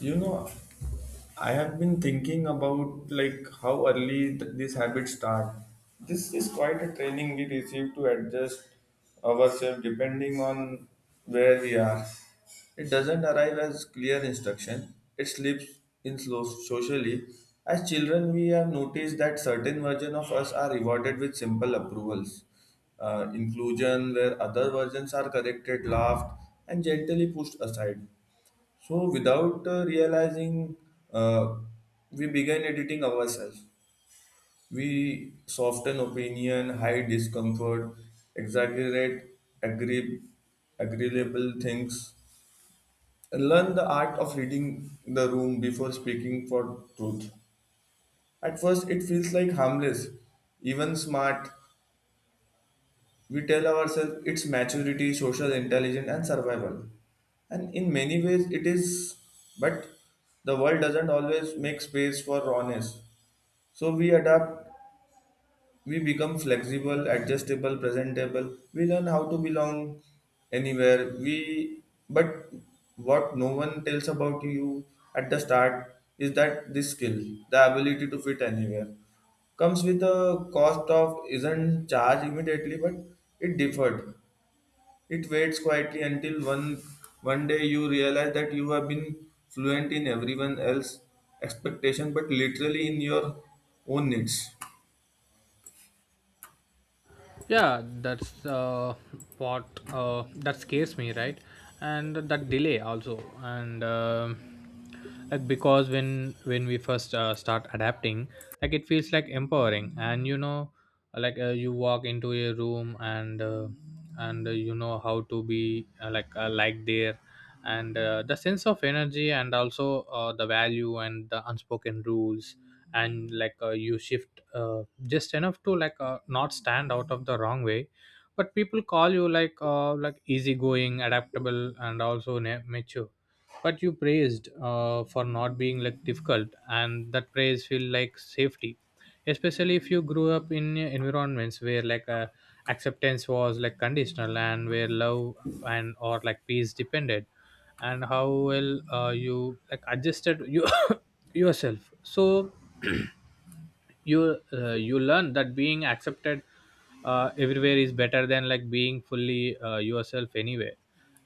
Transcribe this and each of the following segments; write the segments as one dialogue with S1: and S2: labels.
S1: You know, I have been thinking about like how early these habits start. This is quite a training we receive to adjust ourselves depending on where we are. It doesn't arrive as clear instruction. It slips in slow socially. As children, we have noticed that certain versions of us are rewarded with simple approvals, inclusion, where other versions are corrected, laughed, and gently pushed aside. So without realizing, uh, we began editing ourselves. We soften opinion, hide discomfort, exaggerate agree- agreeable things, and learn the art of reading the room before speaking for truth. At first, it feels like harmless, even smart. We tell ourselves it's maturity, social intelligence, and survival. And in many ways, it is, but the world doesn't always make space for rawness. So we adapt, we become flexible, adjustable, presentable. We learn how to belong anywhere. We, but what no one tells about you at the start is that this skill, the ability to fit anywhere, comes with a cost of isn't charged immediately, but it deferred it waits quietly until one day you realize that you have been fluent in everyone else's expectation, but literally in your own needs.
S2: Yeah, that's what that scares me, right? And that delay also, and like, because when we first start adapting, like it feels like empowering. And like, you walk into a room, and you know how to be, like there, and the sense of energy, and also the value and the unspoken rules. And like, you shift just enough to, not stand out of the wrong way. But people call you, like easygoing, adaptable, and also mature. But you praised, for not being like difficult, and that praise feel like safety, especially if you grew up in environments where, acceptance was like conditional, and where love and or like peace depended, and how well you like adjusted you yourself. So you, you learn that being accepted everywhere is better than like being fully yourself anywhere.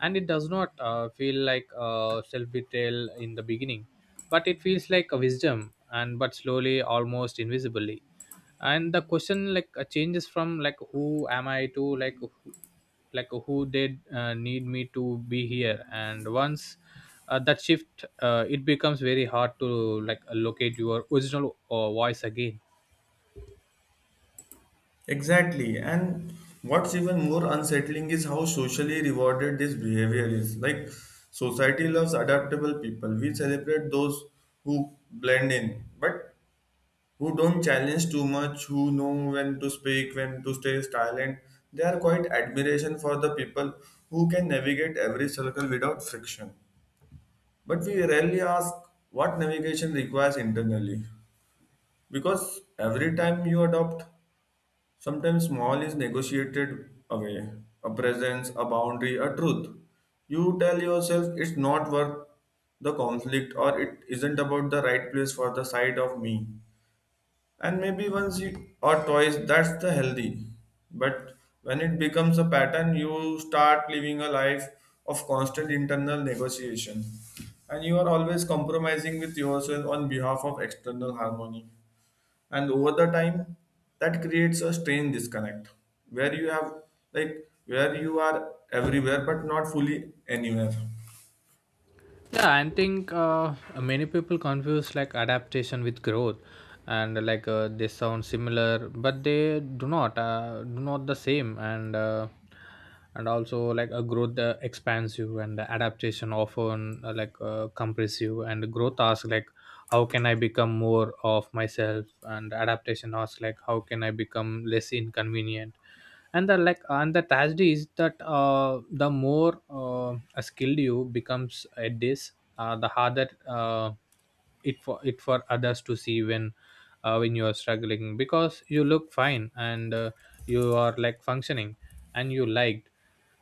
S2: And it does not feel like self betrayal in the beginning, but it feels like a wisdom. And but slowly, almost invisibly, and the question, changes from like who am I to like who did need me to be here. And once that shift, it becomes very hard to like locate your original voice again.
S1: Exactly. And what's even more unsettling is how socially rewarded this behavior is. Like society loves adaptable people. We celebrate those who blend in. But who don't challenge too much, who know when to speak, when to stay silent. They are quite admiration for the people who can navigate every circle without friction. But we rarely ask what navigation requires internally. Because every time you adopt, sometimes small is negotiated away. A presence, a boundary, a truth. You tell yourself it's not worth the conflict or it isn't about the right place for the side of me, and maybe once you, or twice that's the healthy, but when it becomes a pattern you start living a life of constant internal negotiation, and you are always compromising with yourself on behalf of external harmony, and over the time that creates a strange disconnect where you have, like, where you are everywhere but not fully anywhere.
S2: Yeah, I think many people confuse like adaptation with growth, and like, they sound similar, but they do not the same. And and also like a growth expands you, and the adaptation often, compress you. And growth asks like, how can I become more of myself? And adaptation asks like, how can I become less inconvenient? And the like, and the tragedy is that the more skilled you becomes at this, the harder, it for others to see when, when you are struggling, because you look fine, and you are like functioning, and you liked,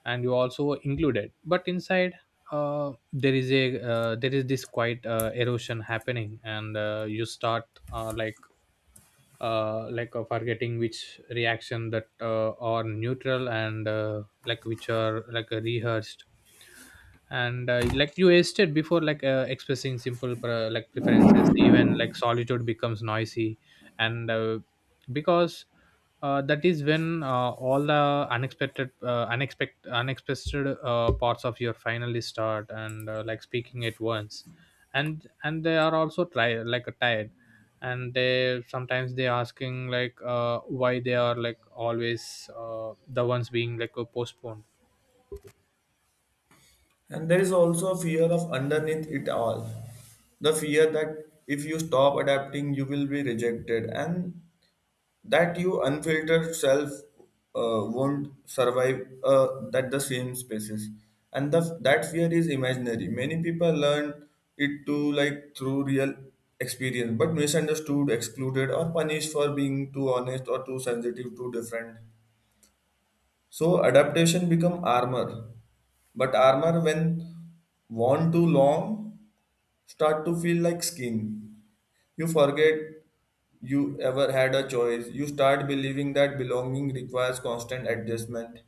S2: and you also included. But inside, there is a, there is this quite erosion happening. And you start, uh, like forgetting which reaction that are neutral, and like which are like rehearsed. And like you stated before, expressing simple like preferences, even like solitude becomes noisy. And because that is when all the unexpected parts of your finally start, and like speaking at once. And they are also tired, like tired. And they sometimes they asking like, why they are like always the ones being postponed.
S1: And there is also a fear of underneath it all. The fear that if you stop adapting, you will be rejected, and that your unfiltered self won't survive that the same spaces. And the, that fear is imaginary. Many people learn it to like through real experience, but misunderstood, excluded, or punished for being too honest or too sensitive, too different. So adaptation become armor, but armor when worn too long start to feel like skin. You forget you ever had a choice. You start believing that belonging requires constant adjustment.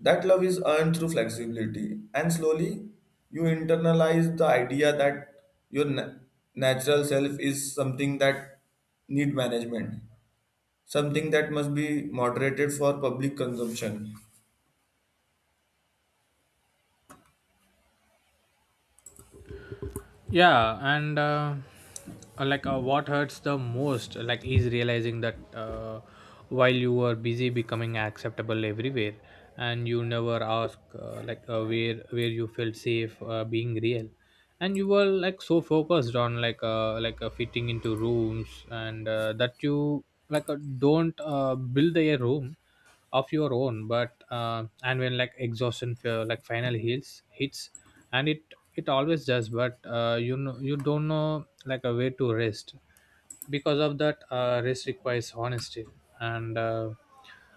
S1: That love is earned through flexibility, and slowly you internalize the idea that your natural self is something that need management, something that must be moderated for public consumption.
S2: Yeah, and what hurts the most, like, is realizing that while you were busy becoming acceptable everywhere, and you never ask, where you felt safe being real. And you were like so focused on, fitting into rooms, and that you, don't build a room of your own. But uh, and when like exhaustion feel, like final heals hits, and it always does. But you don't know like a way to rest, because of that rest requires honesty. And uh,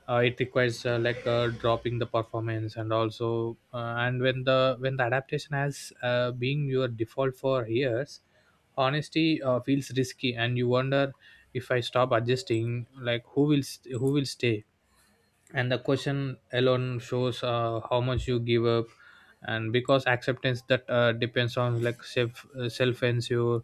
S2: uh, it requires, dropping the performance. And also and when the adaptation has being your default for years, honesty feels risky. And you wonder, if I stop adjusting like who will who will stay. And the question alone shows how much you give up. And because acceptance that depends on like self, self ensure,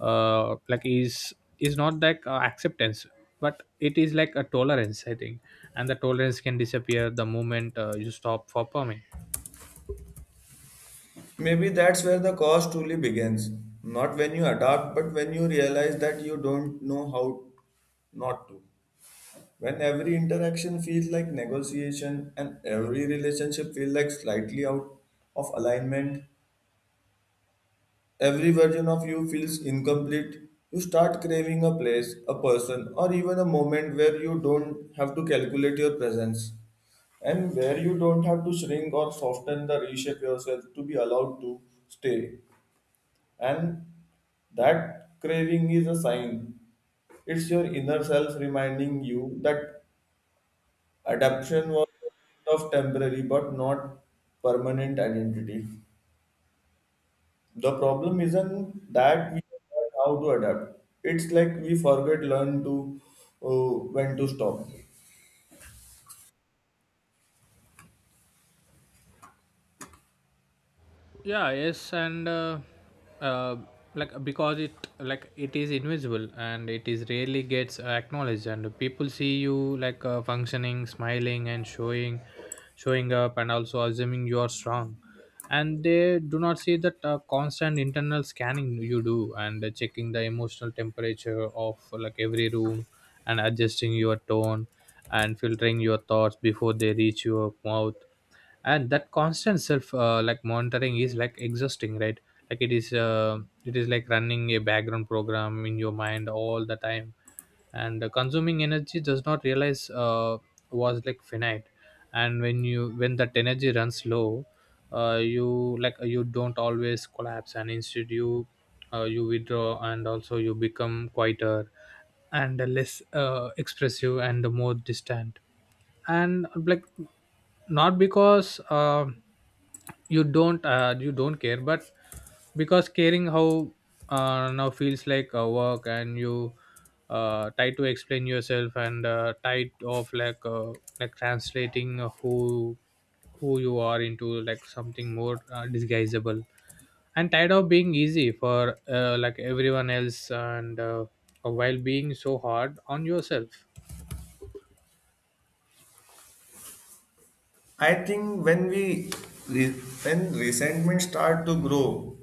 S2: like is not like acceptance, but it is like a tolerance, I think. And the tolerance can disappear the moment you stop for permit.
S1: Maybe that's where the cost truly begins. Not when you adapt, but when you realize that you don't know how not to. When every interaction feels like negotiation and every relationship feels like slightly out of alignment, every version of you feels incomplete, you start craving a place, a person, or even a moment where you don't have to calculate your presence and where you don't have to shrink or soften the reshape yourself to be allowed to stay. And that craving is a sign. It's your inner self reminding you that adaptation was of temporary but not permanent identity. The problem isn't that we forget how to adapt. It's like we forget learn to, when to stop.
S2: Yeah, yes, and uh, like, because it, like it is invisible, and it is rarely gets acknowledged. And people see you, functioning, smiling, and showing up, and also assuming you are strong. And they do not see that constant internal scanning you do, and checking the emotional temperature of like every room, and adjusting your tone, and filtering your thoughts before they reach your mouth. And that constant self, like monitoring, is like exhausting, right? Like, it is like running a background program in your mind all the time, and consuming energy does not realize was like finite. And when that energy runs low, you, you don't always collapse, and instead you, you withdraw, and also you become quieter, and less expressive, and more distant. And like, not because you don't care, but because caring how, now feels like a work. And you, try to explain yourself, and tied off, like translating who you are, into like something more disguisable, and tired of being easy for, like everyone else, and while being so hard on yourself.
S1: I think when we re- when resentment start to grow,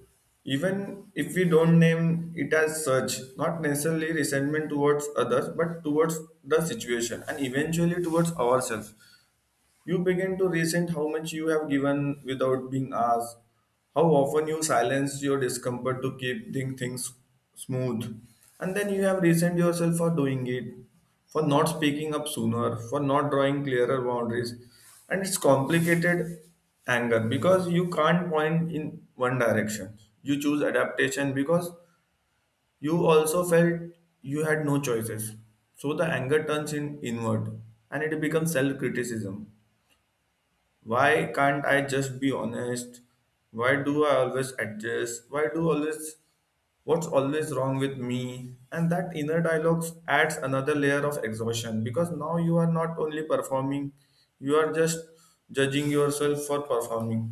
S1: even if we don't name it as such, not necessarily resentment towards others, but towards the situation and eventually towards ourselves. You begin to resent how much you have given without being asked, how often you silence your discomfort to keep things smooth, and then you have resent yourself for doing it, for not speaking up sooner, for not drawing clearer boundaries. And it's complicated anger because you can't point in one direction. You choose adaptation because you also felt you had no choices. So the anger turns in inward and it becomes self criticism. Why can't I just be honest? Why do I always adjust? Why do always, what's always wrong with me? And that inner dialogue adds another layer of exhaustion because now you are not only performing, you are just judging yourself for performing.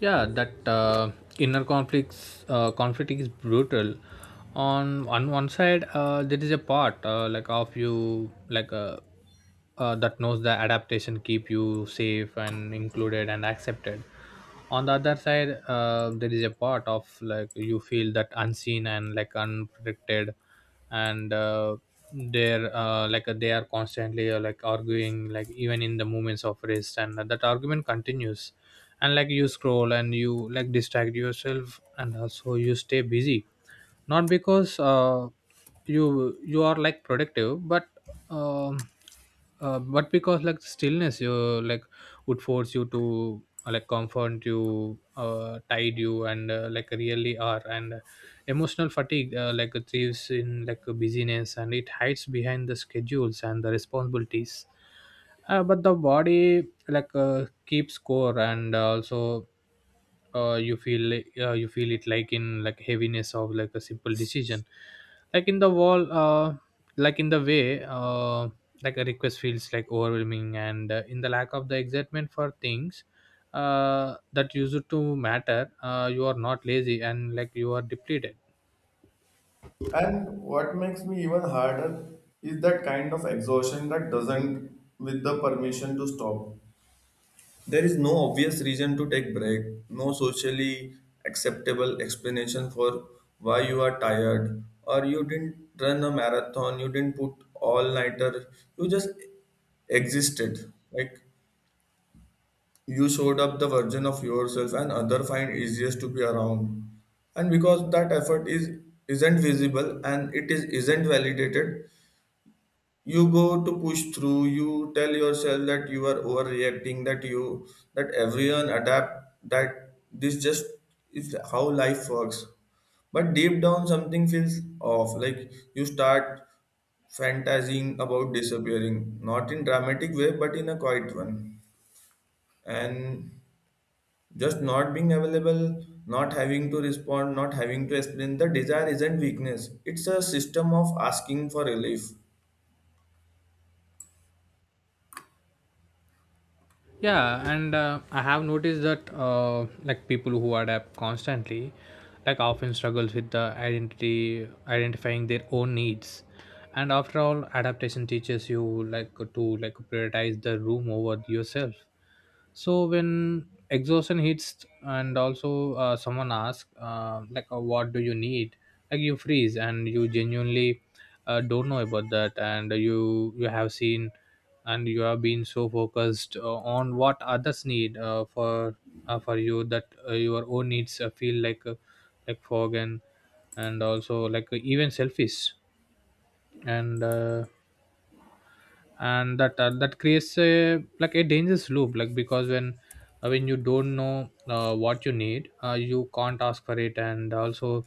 S2: Yeah, that inner conflict is brutal. On one side, there is a part, like of you like that knows the adaptation keep you safe and included and accepted. On the other side, there is a part of like you feel that unseen and like unprotected. And they're, they are constantly, like arguing, like even in the moments of rest, and that argument continues. And like, you scroll, and you like distract yourself, and also you stay busy, not because you are like productive, um, but because, like stillness you, like, would force you to, like confront you, tide you, and like really are. And emotional fatigue, like thieves in like busyness, and it hides behind the schedules and the responsibilities, but the body like keep score, and also, you feel, you feel it like in like heaviness of like a simple decision, like in the wall, like in the way, like a request feels like overwhelming, and in the lack of the excitement for things that used to matter. You are not lazy, and like you are depleted.
S1: And what makes me even harder is that kind of exhaustion that doesn't with the permission to stop. There is no obvious reason to take break, no socially acceptable explanation for why you are tired, or you didn't run a marathon, you didn't put all nighter, you just existed. Like you showed up the version of yourself and other find easiest to be around. And because that effort is isn't visible and it is isn't validated, you go to push through, you tell yourself that you are overreacting, that you, that everyone adapt, that this just is how life works, but deep down something feels off. Like you start fantasizing about disappearing, not in dramatic way but in a quiet one, and just not being available, not having to respond, not having to explain. The desire isn't weakness, it's a system of asking for relief.
S2: Yeah, and I have noticed that like people who adapt constantly, like often struggles with the identity identifying their own needs. And after all, adaptation teaches you like to, like, prioritize the room over yourself. So when exhaustion hits, and also someone asks, what do you need? Like, you freeze, and you genuinely don't know about that. And you have seen, and you have been so focused on what others need for you, that your own needs feel like fog, and also like, even selfish. And and that that creates a like a dangerous loop. Like, because when you don't know what you need, you can't ask for it. And also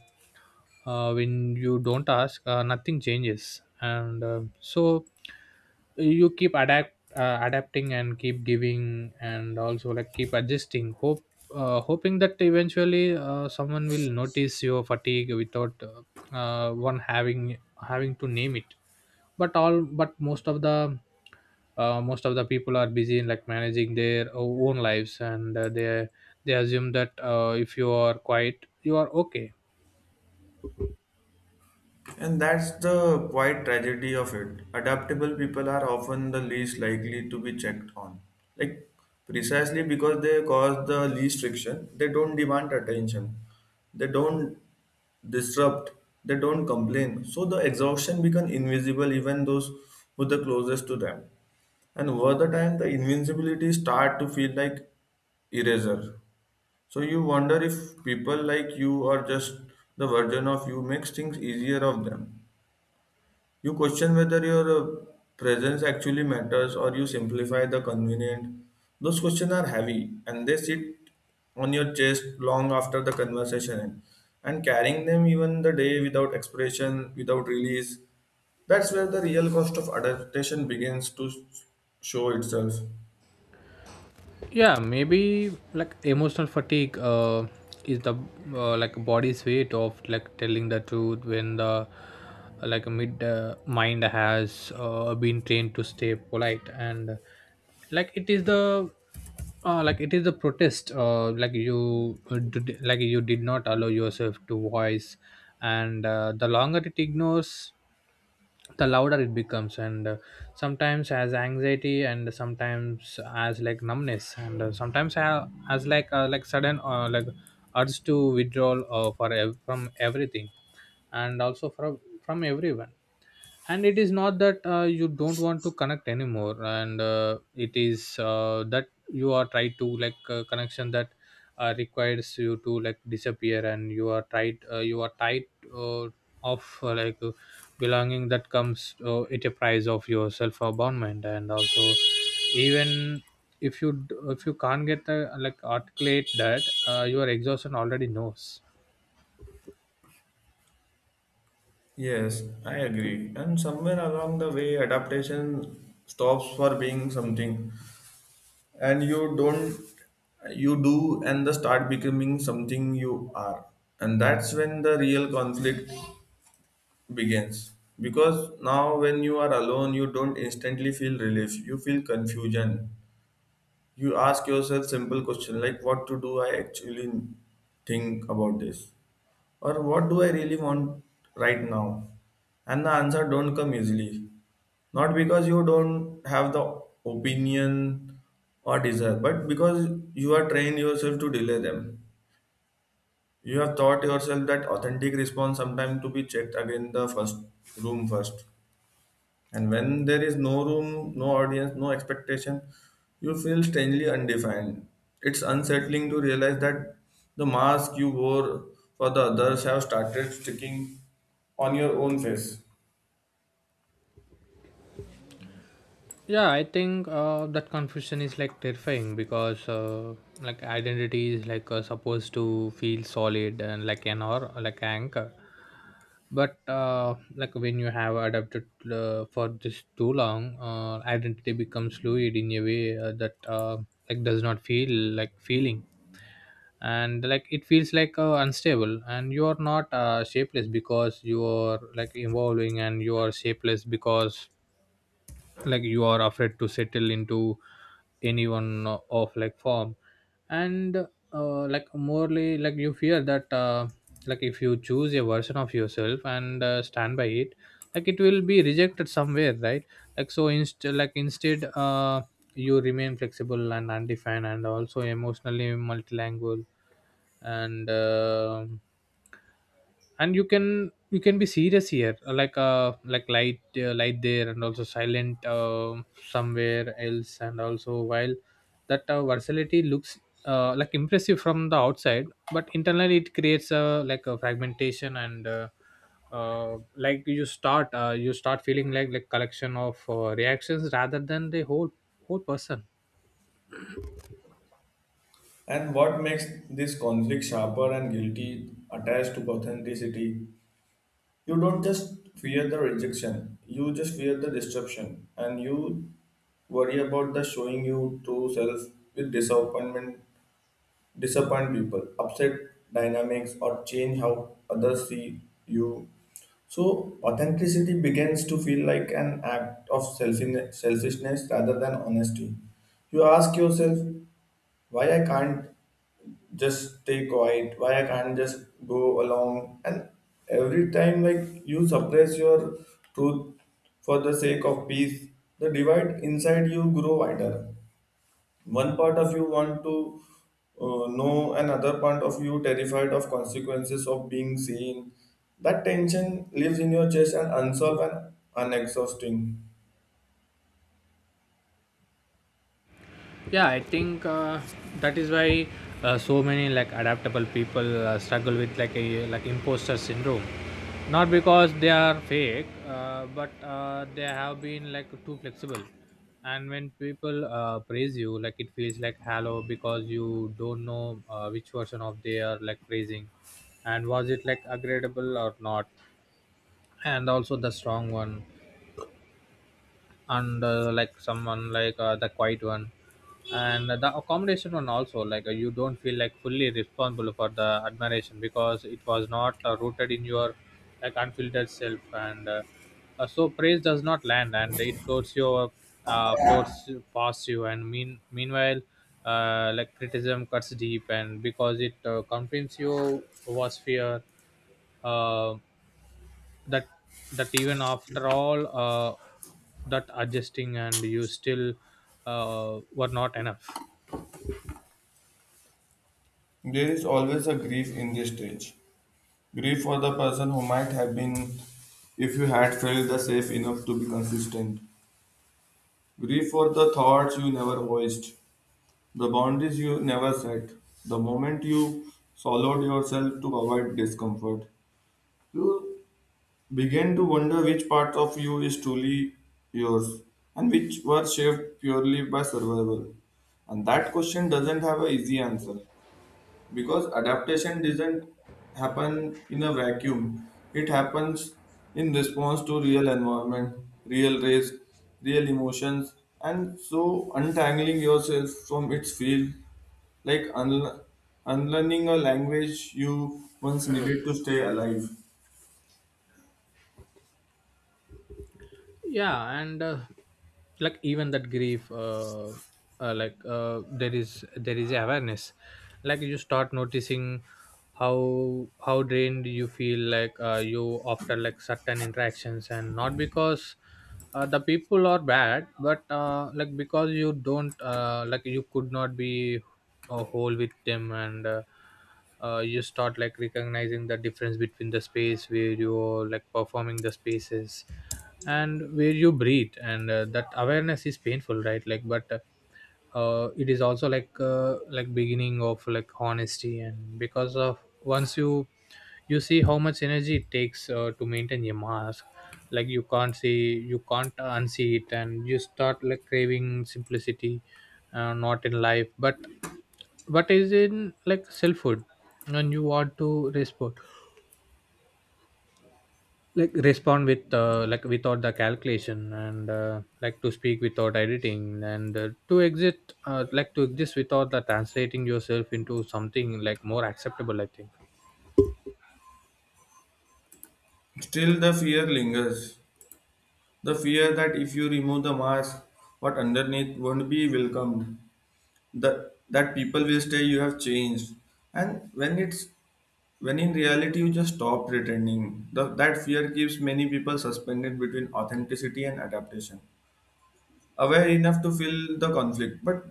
S2: when you don't ask nothing changes. And so you keep adapting, and keep giving, and also like keep adjusting, hope hoping that eventually someone will notice your fatigue without, one having to name it. But all but most of the people are busy in like managing their own lives. And they assume that if you are quiet you are okay.
S1: And that's the quiet tragedy of it. Adaptable people are often the least likely to be checked on. Like, precisely because they cause the least friction, they don't demand attention, they don't disrupt, they don't complain. So the exhaustion becomes invisible even those who the closest to them. And over the time, the invincibility start to feel like eraser. So you wonder if people like you or just the version of you makes things easier of them. You question whether your presence actually matters or you simplify the convenient. Those questions are heavy and they sit on your chest long after the conversation ends. And carrying them even the day without expression, without release, that's where the real cost of adaptation begins to show itself.
S2: Yeah, maybe like emotional fatigue is the like body's weight of like telling the truth when the like mid mind has been trained to stay polite. And like, it is the like it is the protest, like you did not allow yourself to voice. And the longer it ignores, the louder it becomes. And sometimes as anxiety, and sometimes as like numbness, and sometimes as like sudden like urge to withdraw for from everything, and also from everyone. And it is not that you don't want to connect anymore, and it is that you are trying to like connection that requires you to like disappear. And you are tried, you are tied uh, of, belonging that comes at a price of your self abandonment. And also, even if you if you can't get, like articulate that your exhaustion already knows.
S1: Yes, I agree. And somewhere along the way, adaptation stops for being something and you don't you do and the start becoming something you are, and that's when the real conflict begins, because now when you are alone you don't instantly feel relief, you feel confusion. You ask yourself simple question like what to do I actually think about this, or what do I really want right now? And the answer don't come easily. Not because you don't have the opinion or desire, but because you are trained yourself to delay them. You have taught yourself that authentic response sometimes to be checked again the first room first. And when there is no room, no audience, no expectation, you feel strangely undefined. It's unsettling to realize that the mask you wore for the others have started sticking on your own face.
S2: Yeah, I think that confusion is like terrifying, because like identity is like, supposed to feel solid and like an or like an anchor. But like when you have adapted for this too long, identity becomes fluid in A way that does not feel like feeling and it feels unstable, and you are not shapeless because you are evolving, and you are shapeless because you are afraid to settle into any one of form. And like morely like you fear that if you choose a version of yourself and stand by it, it will be rejected somewhere, right? So instead, you remain flexible and undefined, and also emotionally multilingual. And uh, and you can be serious here, light light there, and also silent somewhere else. And also, while that versatility looks impressive from the outside, but internally it creates a a fragmentation. And like You start you start feeling like collection of reactions rather than the whole person.
S1: And what makes this conflict sharper and guilty attached to authenticity? You don't just fear the rejection, you just fear the disruption, and you worry about the showing you true self with disappointment, disappoint people, upset dynamics, or change how others see you. So, authenticity begins to feel like an act of selfishness rather than honesty. You ask yourself, why I can't just stay quiet, why I can't just go along, and every time, like, you suppress your truth for the sake of peace, the divide inside you grow wider. One part of you want to, know another part of you terrified of consequences of being seen. That tension lives in your chest and unsolved and unexhausting.
S2: Yeah, I think that is why so many adaptable people struggle with like a like imposter syndrome, not because they are fake, but they have been too flexible. And when people praise you, it feels like hello, because you don't know which version of they are praising. And was it agreeable or not? And also the strong one, and someone like the quiet one, and the accommodation one. Also, you don't feel fully responsible for the admiration because it was not rooted in your unfiltered self. And So praise does not land, and it floats your floats past you. And meanwhile, criticism cuts deep, and because it confronts you was fear uh, that that even after all that adjusting, and you still were not enough.
S1: There is always a grief in this stage, grief for the person who might have been if you had felt the safe enough to be consistent, grief for the thoughts you never voiced, the boundaries you never set, the moment you swallowed yourself to avoid discomfort. You began to wonder which part of you is truly yours and which were shaped purely by survival. And that question doesn't have an easy answer because adaptation doesn't happen in a vacuum. It happens in response to real environment, real race, real emotions, and so untangling yourself from its field, like unlearning a language you once needed to stay alive.
S2: Yeah, and like even that grief, there is awareness. You start noticing how drained you feel, you, after certain interactions, and not because the people are bad, but because you don't like you could not be a whole with them. And You start recognizing the difference between the space where you're performing, the spaces, and where you breathe. And That awareness is painful, right? like but It is also like beginning of honesty, and because of, once you see how much energy it takes to maintain your mask, you can't see, you can't unsee it. And you start craving simplicity, not in life, but is in selfhood. And you want to respond, respond without the calculation, and to speak without editing, and to exit like to exist without the translating yourself into something more acceptable, I think.
S1: Still, the fear lingers. The fear that if you remove the mask, what underneath won't be welcomed, that, that people will say you have changed. And when it's when in reality you just stop pretending, the, that fear keeps many people suspended between authenticity and adaptation. Aware enough to feel the conflict, but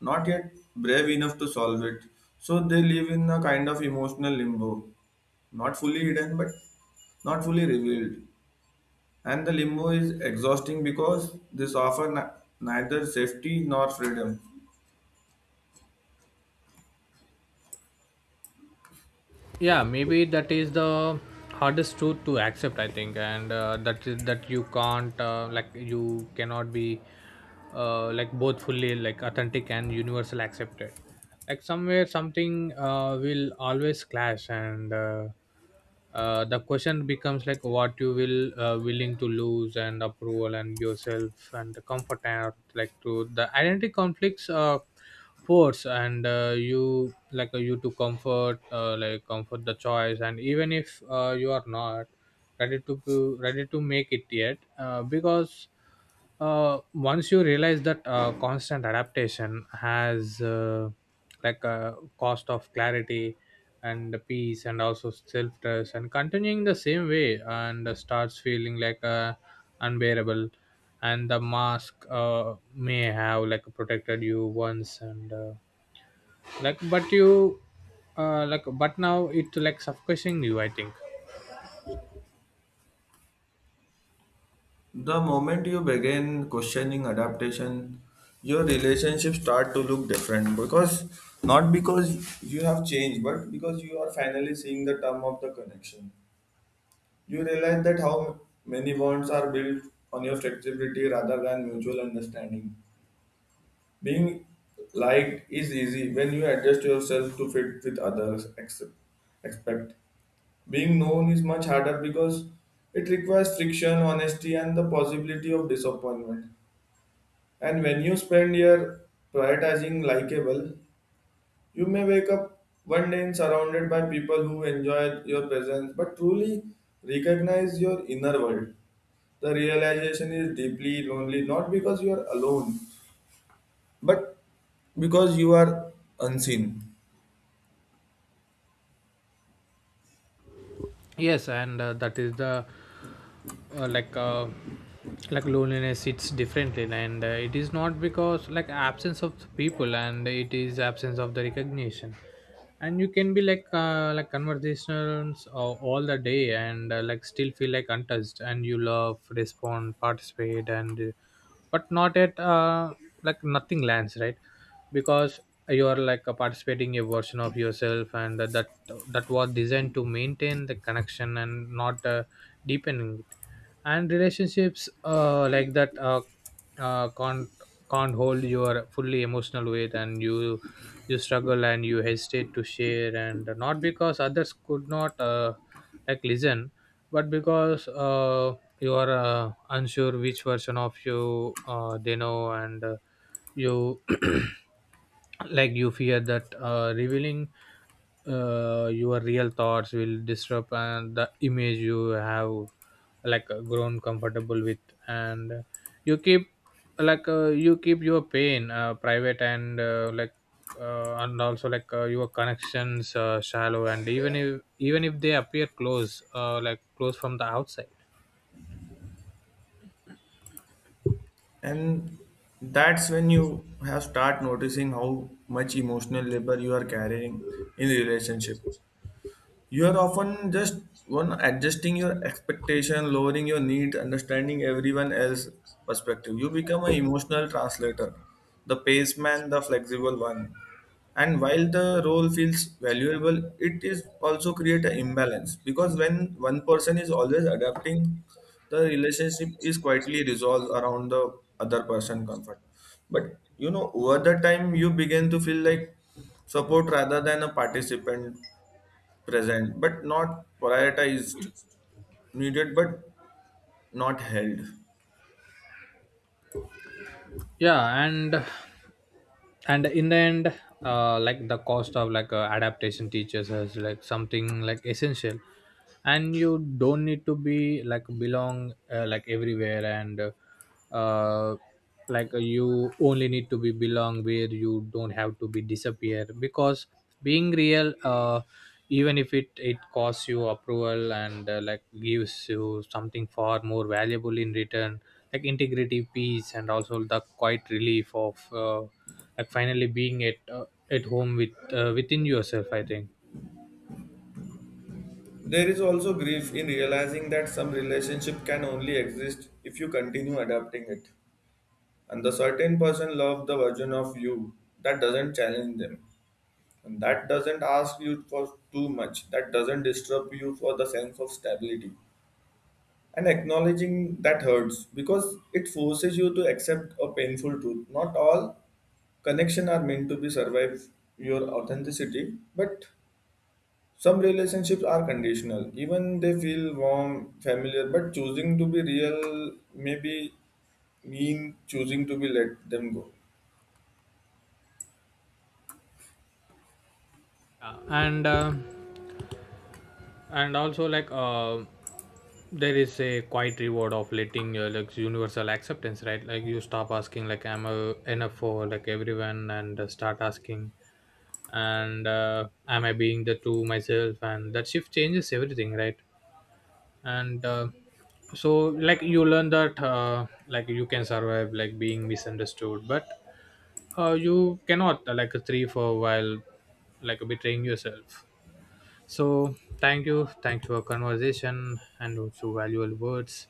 S1: not yet brave enough to solve it. So they live in a kind of emotional limbo, not fully hidden, but not fully revealed. And the limbo is exhausting because this offers neither safety nor freedom.
S2: Yeah, maybe that is the hardest truth to accept, I think. And That is that you can't like you cannot be both fully authentic and universal accepted. Somewhere, something will always clash. And The question becomes what you will willing to lose, and approval, and yourself, and the comfort. And to the identity conflicts force, and you you to comfort, comfort the choice, and even if you are not ready to make it yet, because once you realize that constant adaptation has a cost of clarity, and the peace, and also self trust, and continuing the same way and starts feeling unbearable. And the mask may have protected you once, and but you, but now it suffocating you, I think.
S1: The moment you begin questioning adaptation, your relationships start to look different, because not because you have changed, but because you are finally seeing the term of the connection. You realize that how many bonds are built on your flexibility rather than mutual understanding. Being liked is easy when you adjust yourself to fit with others' accept, expect. Being known is much harder because it requires friction, honesty, and the possibility of disappointment. And when you spend your prioritizing likable, you may wake up one day and surrounded by people who enjoy your presence but truly recognize your inner world. The realization is deeply lonely, not because you are alone but because you are unseen.
S2: Yes, and that is the uh, like uh, loneliness. It's differently, and it is not because absence of people, and it is absence of the recognition. And you can be like conversations all the day, and still feel untouched. And you love, respond, participate, and but not at, nothing lands, right? Because you are participating a version of yourself, and that that was designed to maintain the connection and not deepening it. And relationships like that can't hold your fully emotional weight. And you struggle, and you hesitate to share, and not because others could not listen, but because you are unsure which version of you they know. And you you fear that revealing your real thoughts will disrupt and the image you have grown comfortable with. And You keep, you keep your pain private, and like and also like your connections shallow, and even if they appear close, close from the outside.
S1: And that's when you have start noticing how much emotional labor you are carrying in the relationship. You are often just one adjusting your expectation, lowering your needs, understanding everyone else's perspective. You become an emotional translator, the paceman, the flexible one. And while the role feels valuable, it is also create an imbalance because when one person is always adapting, the relationship is quietly resolved around the other person comfort. But you know, over the time, you begin to feel like support rather than a participant, present but not prioritized, needed but not held.
S2: Yeah, and in the end, the cost of adaptation teachers as something essential. And you don't need to be belong everywhere, and uh, you only need to be belong where you don't have to be disappear, because being real, even if it costs you approval, and like gives you something far more valuable in return, integrity, peace, and also the quiet relief of finally being at, at home with, within yourself, I think.
S1: There is also grief in realizing that some relationship can only exist if you continue adapting it. And the certain person loves the version of you that doesn't challenge them. And that doesn't ask you for too much. That doesn't disturb you for the sense of stability. And acknowledging that hurts because it forces you to accept a painful truth. Not all connection are meant to be survive your authenticity, but some relationships are conditional. Even they feel warm, familiar, but choosing to be real may be mean choosing to be let them go.
S2: Uh, and uh, and also, there is a quiet reward of letting universal acceptance, right? You stop asking like, am I enough for everyone, and start asking, and am I being the true myself? And that shift changes everything, right? And uh, so you learn that you can survive being misunderstood, but you cannot, three for a while, betraying yourself. So thank you, thanks for conversation, and also valuable words.